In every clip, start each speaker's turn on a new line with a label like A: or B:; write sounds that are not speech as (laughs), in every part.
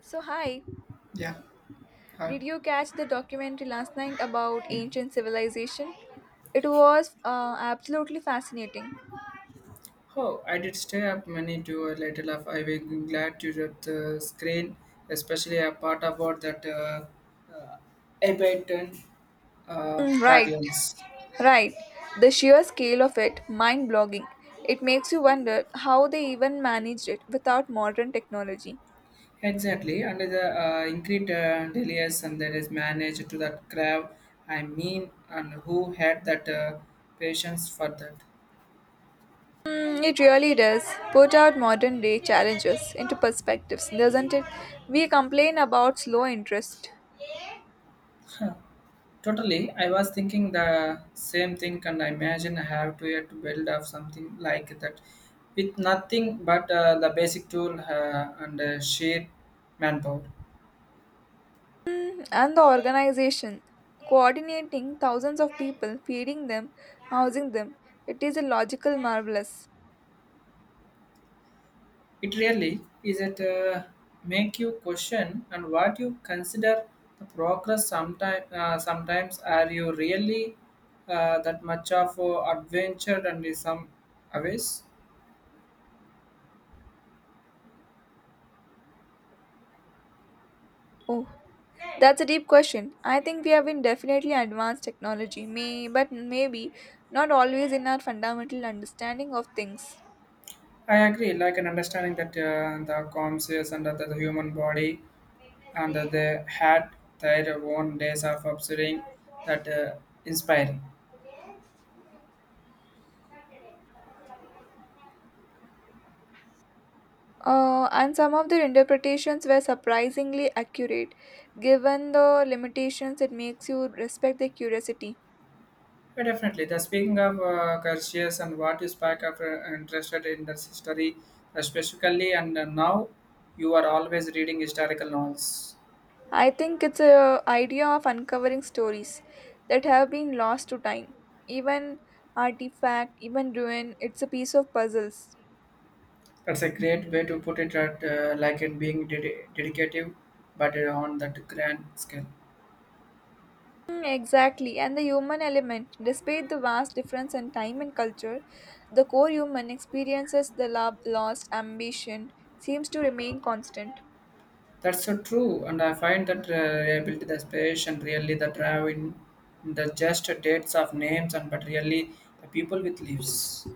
A: So, hi,
B: Yeah. Hi.
A: did you catch the documentary last night about ancient civilization? It was absolutely fascinating.
B: Oh, I did stay up many to a little of I will be glad to read the screen, especially a part about that uh, Abaton
A: Mm, right,
B: Pradiums.
A: right. The sheer scale of it, mind blogging. It makes you wonder how they even managed it without modern technology.
B: Exactly, under the increased delays and there is managed to that crab, I mean, and who had that patience for that.
A: Mm, it really does put out modern day challenges into perspectives, doesn't it? We complain about slow interest.
B: Totally, I was thinking the same thing, and I imagine I have to yet to build up something like that with nothing but the basic tool and sheer manpower.
A: And the organization coordinating thousands of people, feeding them, housing them, it is a logical marvelous.
B: It really is it make you question and what you consider the progress. Sometimes are you really that much of adventure and is some aways?
A: Oh, that's a deep question. I think we have been definitely advanced technology, may but maybe not always in our fundamental understanding of things.
B: I agree, like an understanding that the conscious and the human body and they had their own days of observing that inspiring.
A: And some of their interpretations were surprisingly accurate given the limitations. It makes you respect their curiosity.
B: But definitely, the speaking of Garcias and what you spark of interested in the history, specifically, and now you are always reading historical novels.
A: I think it's a idea of uncovering stories that have been lost to time. Even artifact, even ruin, it's a piece of puzzles.
B: That's a great way to put it, at, like in being dedicative, but on that grand scale.
A: Mm, exactly, and the human element. Despite the vast difference in time and culture, the core human experiences, the love, lost ambition, seems to remain constant.
B: That's so true, and I find that reliability, the and really the drive in the just dates of names, and but really the people with leaves.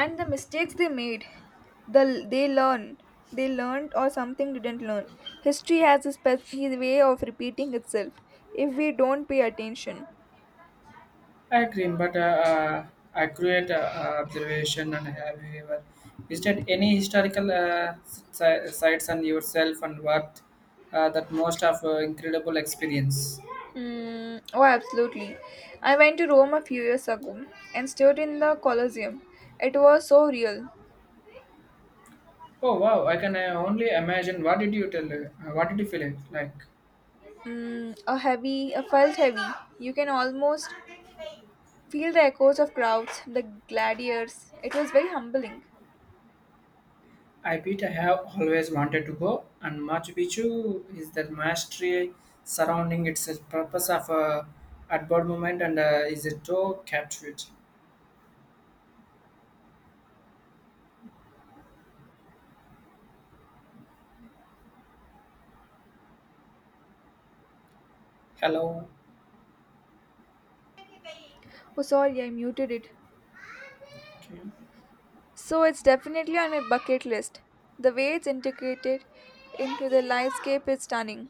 A: And the mistakes they made, the they learn, they learned or something didn't learn. History has a special way of repeating itself if we don't pay attention.
B: I agree, but accurate observation. And have you ever visited any historical sites on yourself and what that most of incredible experience?
A: Mm, oh, absolutely. I went to Rome a few years ago and stood in the Colosseum. It was so real.
B: Oh wow! I can only imagine. What did you tell? What did you feel it like?
A: Mm, a heavy, a felt heavy. You can almost feel the echoes of crowds, the gladiators. It was very humbling.
B: I bet I have always wanted to go, and Machu Picchu is the mastery surrounding its purpose of outward movement and is a so captivating. Hello.
A: Oh, sorry, I muted it.
B: Okay.
A: So it's definitely on my bucket list. The way it's integrated into the landscape is stunning.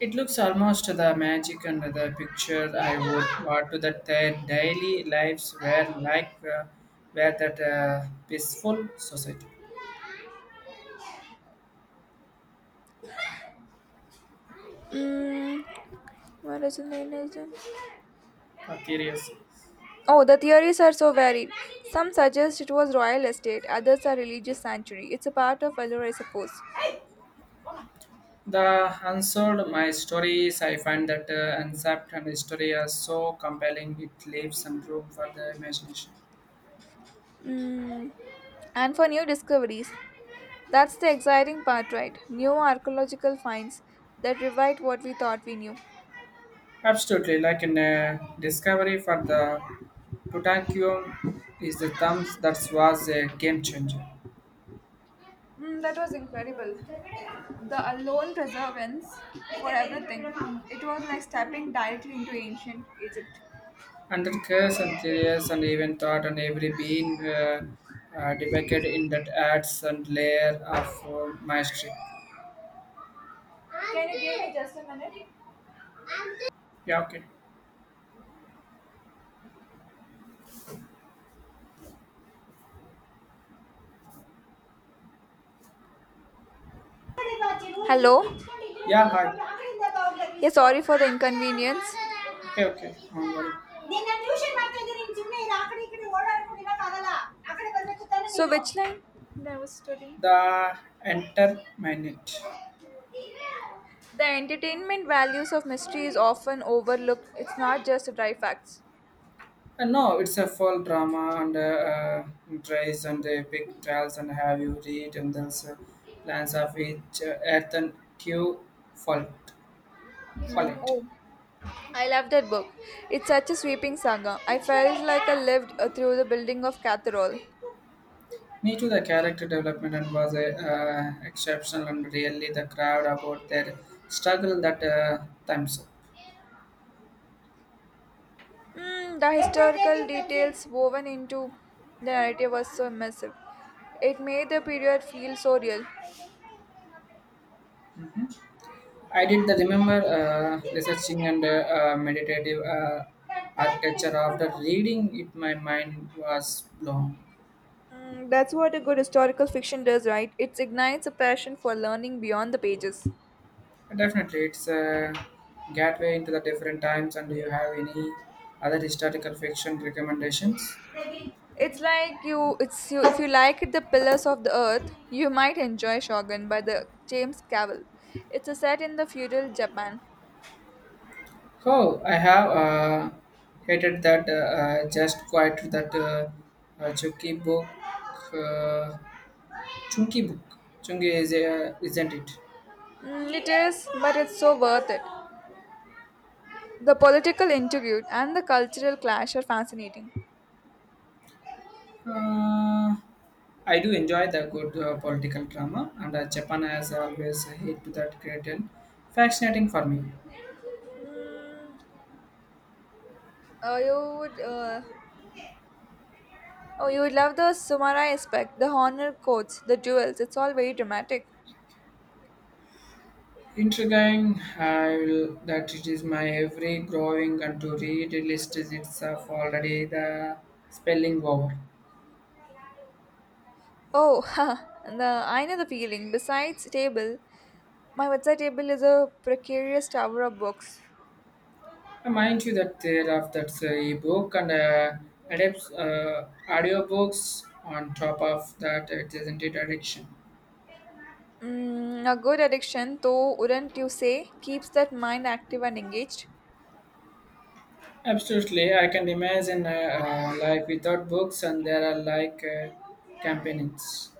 B: It looks almost the magic and the picture I would want to that their daily lives were like were that peaceful society.
A: Mm, what is the main reason?
B: Theories.
A: Oh, the theories are so varied. Some suggest it was royal estate, others are religious sanctuary. It's a part of allure, I suppose.
B: The Unsolved My Stories, I find that concept and story are so compelling, it leaves some room for the imagination.
A: Mm, and for new discoveries, that's the exciting part, right? New archaeological finds that revive what we thought we knew.
B: Absolutely, like in Discovery for the Tutankhamun is the thumbs that was a game changer.
A: Mm, that was incredible. The alone preservance for everything. It was like stepping directly into ancient Egypt.
B: And the curse and theories and even thought and every being depicted in that adds and layer of mastery.
A: Can you give me just a minute?
B: Yeah, okay.
A: Hello?
B: Yeah, hi.
A: Yeah, sorry for the inconvenience.
B: Okay, okay. Don't worry.
A: So, which line? That was studying.
B: The entertainment.
A: The entertainment values of mystery is often overlooked. It's not just dry facts.
B: No, it's a full drama and tries and the big trials and have you read and there's plans of each earth and Q fault
A: Mm,
B: Follett.
A: oh, I loved that book. It's such a sweeping saga. I felt like I lived through the building of Cathedral.
B: Me too, the character development and was exceptional and really the crowd about their struggle that times.
A: Mm, the historical details woven into the narrative was so immersive. It made the period feel so real.
B: I did the remember researching and meditative architecture after reading it. My mind was blown.
A: Mm, that's what a good historical fiction does, right? It ignites a passion for learning beyond the pages.
B: Definitely, it's a gateway into the different times. And do you have any other historical fiction recommendations?
A: It's you. If you like the Pillars of the Earth, you might enjoy Shogun by the James Cavill. It's a set in the feudal Japan.
B: Oh, I have hated that just quite that chunky book. Uh, Chunky book. Chunky is a, isn't it?
A: Mm, it is, but it's so worth it. The political intrigue and the cultural clash are fascinating.
B: Uh, I do enjoy the good political drama, and Japan has always hate to that great and fascinating for me.
A: Mm, uh, you would, uh, oh, you would love the samurai aspect, the honor codes, the duels. It's all very dramatic.
B: Intriguing, I will that it is my every growing and to read list is itself already the spelling over.
A: Oh, (laughs) ha! The I know the feeling. Besides table, my bedside table is a precarious tower of books.
B: I mind you that there of that e-book and adapts audiobooks on top of that it isn't it addiction.
A: Mm, a good addiction, though, wouldn't you say, keeps that mind active and engaged?
B: Absolutely, I can imagine life without books and there are like companions.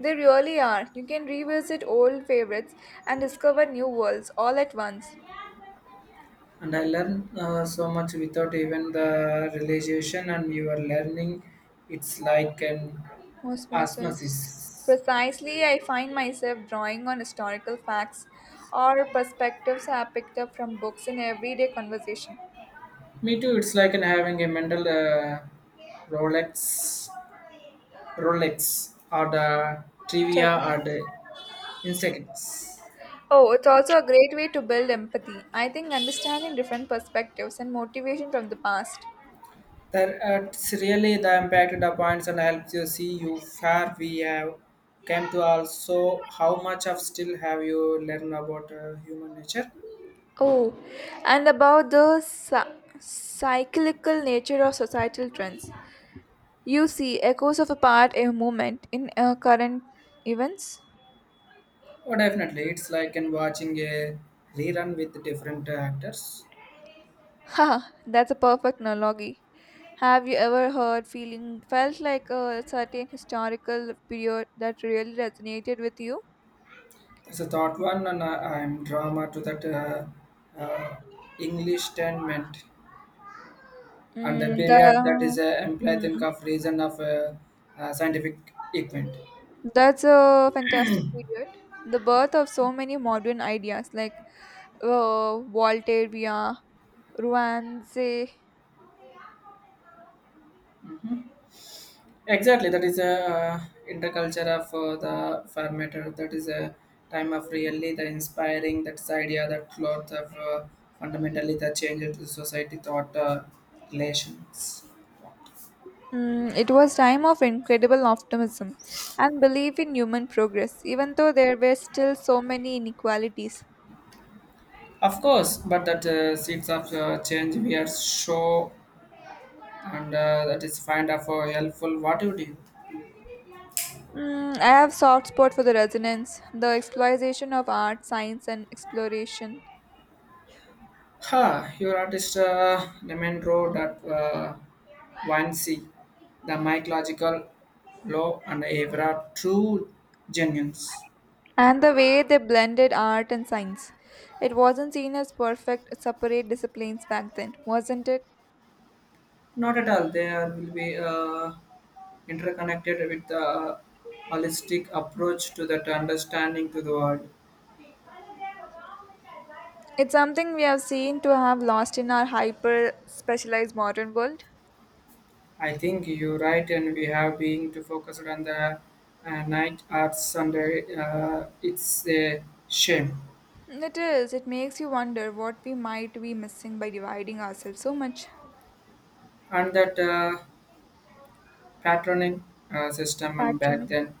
A: They really are. You can revisit old favorites and discover new worlds all at once.
B: And I learned so much without even the realization and you are learning it's like an
A: Osmosis.
B: osmosis.
A: Precisely, I find myself drawing on historical facts or perspectives I picked up from books in everyday conversation.
B: Me too, it's like an having a mental rolex rolex or the trivia or
A: Travel.
B: the insects
A: Oh, it's also a great way to build empathy. I think understanding different perspectives and motivation from the past.
B: that it's really the impact the points and helps you see you far we have came to also how much of still have you learned about human nature.
A: Oh, and about the cyclical nature of societal trends. You see echoes of a part a moment in current events. (laughs)
B: Oh, definitely. It's like in watching a rerun with different actors.
A: Ha, that's a perfect analogy. Have you ever heard feeling felt like a certain historical period that really resonated with you?
B: That's a thought one, and I'm drama to that uh, English tenement and a
A: Mm, the,
B: period that is a implied
A: hmm,
B: think of reason of scientific event.
A: that's a fantastic period. The birth of so many modern ideas like Voltairia, Ruanze.
B: Exactly, that is a interculture of the formatter. That is a time of really the inspiring. That's the idea that lot of fundamentally the change to society thought relations.
A: Mm, it was time of incredible optimism and belief in human progress, even though there were still so many inequalities.
B: Of course, but that seeds of change we are show and that is find of helpful what you do.
A: Mm, I have soft spot for the resonance, the exploitation of art, science, and exploration,
B: Ha! Your artist Lemon Road at 1C, the mycological law and Evra true genuines.
A: and the way they blended art and science. It wasn't seen as perfect, separate disciplines back then, wasn't it?
B: Not at all. They are, will be interconnected with the holistic approach to that understanding to the world.
A: It's something we have seen to have lost in our hyper specialized modern world.
B: I think you're right, and we have been to focus on the night arts, and it's a shame.
A: It is, it makes you wonder what we might be missing by dividing ourselves so much.
B: And that patroning system, and back
A: Patron.
B: then,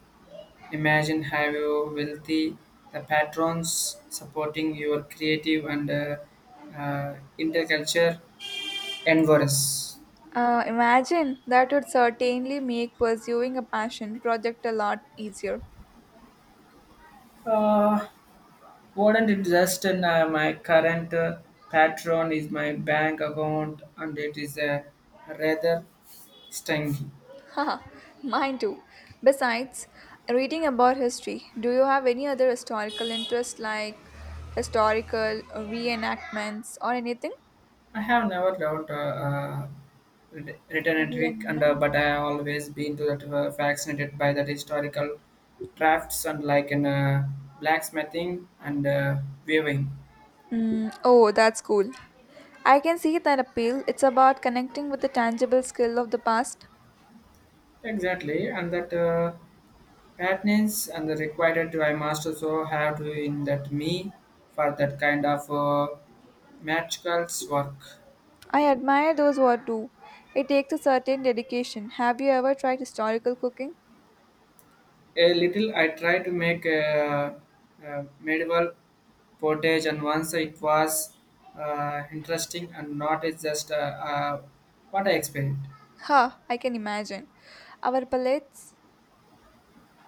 B: imagine have you wealthy the patrons supporting your creative and interculture endeavors.
A: Imagine that would certainly make pursuing a passion project a lot easier.
B: Uh, Wouldn't it just in my current patron is my bank account and it is rather stingy.
A: Haha, mine too. Besides, reading about history, do you have any other historical interest like historical reenactments or anything?
B: I have never learned written a trick, and
A: Reenact-
B: but I have always been to that fascinated by that historical crafts and like in blacksmithing and weaving.
A: Mm, oh, that's cool. I can see that appeal. It's about connecting with the tangible skill of the past.
B: Exactly, and that. Athens and the required to I must also have to in that me for that kind of magicals work.
A: I admire those who do. It takes a certain dedication. Have you ever tried historical cooking?
B: A little I try to make a medieval portage and once it was interesting and not it's just what I expected.
A: Ha, I can imagine. Our palates,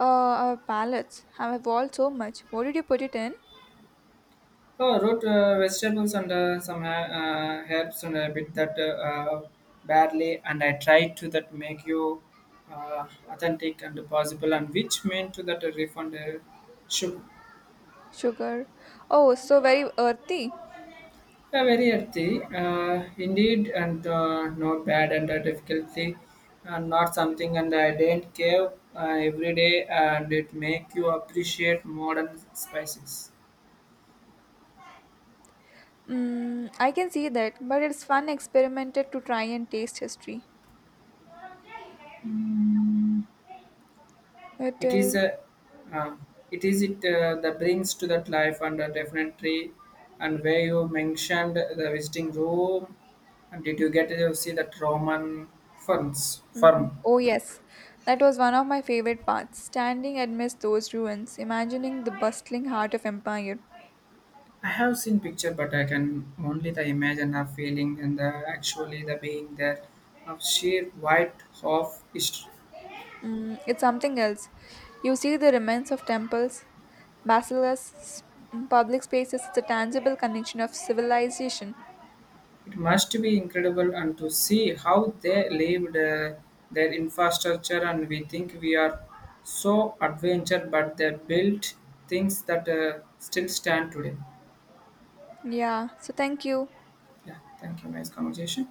A: our palates have evolved so much. What did you put it in?
B: Oh, root vegetables and some herbs and a bit that barley, and I try to that make you uh, authentic and possible, and which meant to that refund sugar.
A: Sugar. Oh, so very earthy.
B: Yeah, very healthy, indeed, and not bad and difficulty, and not something and I didn't care every day, and it make you appreciate modern spices.
A: Mm, I can see that, but it's fun experimented to try and taste history.
B: Mm.
A: It
B: It is
A: is.
B: a uh, it is it that brings to that life and definitely and where you mentioned the visiting room and did you get to see that roman ferns firm.
A: Mm, oh, yes. That was one of my favorite parts, standing amidst those ruins, imagining the bustling heart of empire.
B: I have seen picture but I can only the imagine of feeling and the actually the being there of sheer white of history.
A: Mm, it's something else. You see the remains of temples, basilas, mm, public spaces, the tangible connection of civilization.
B: It must be incredible and to see how they lived their infrastructure and we think we are so adventure but they built things that still stand today.
A: Yeah, so thank you.
B: Yeah, thank you. Nice conversation.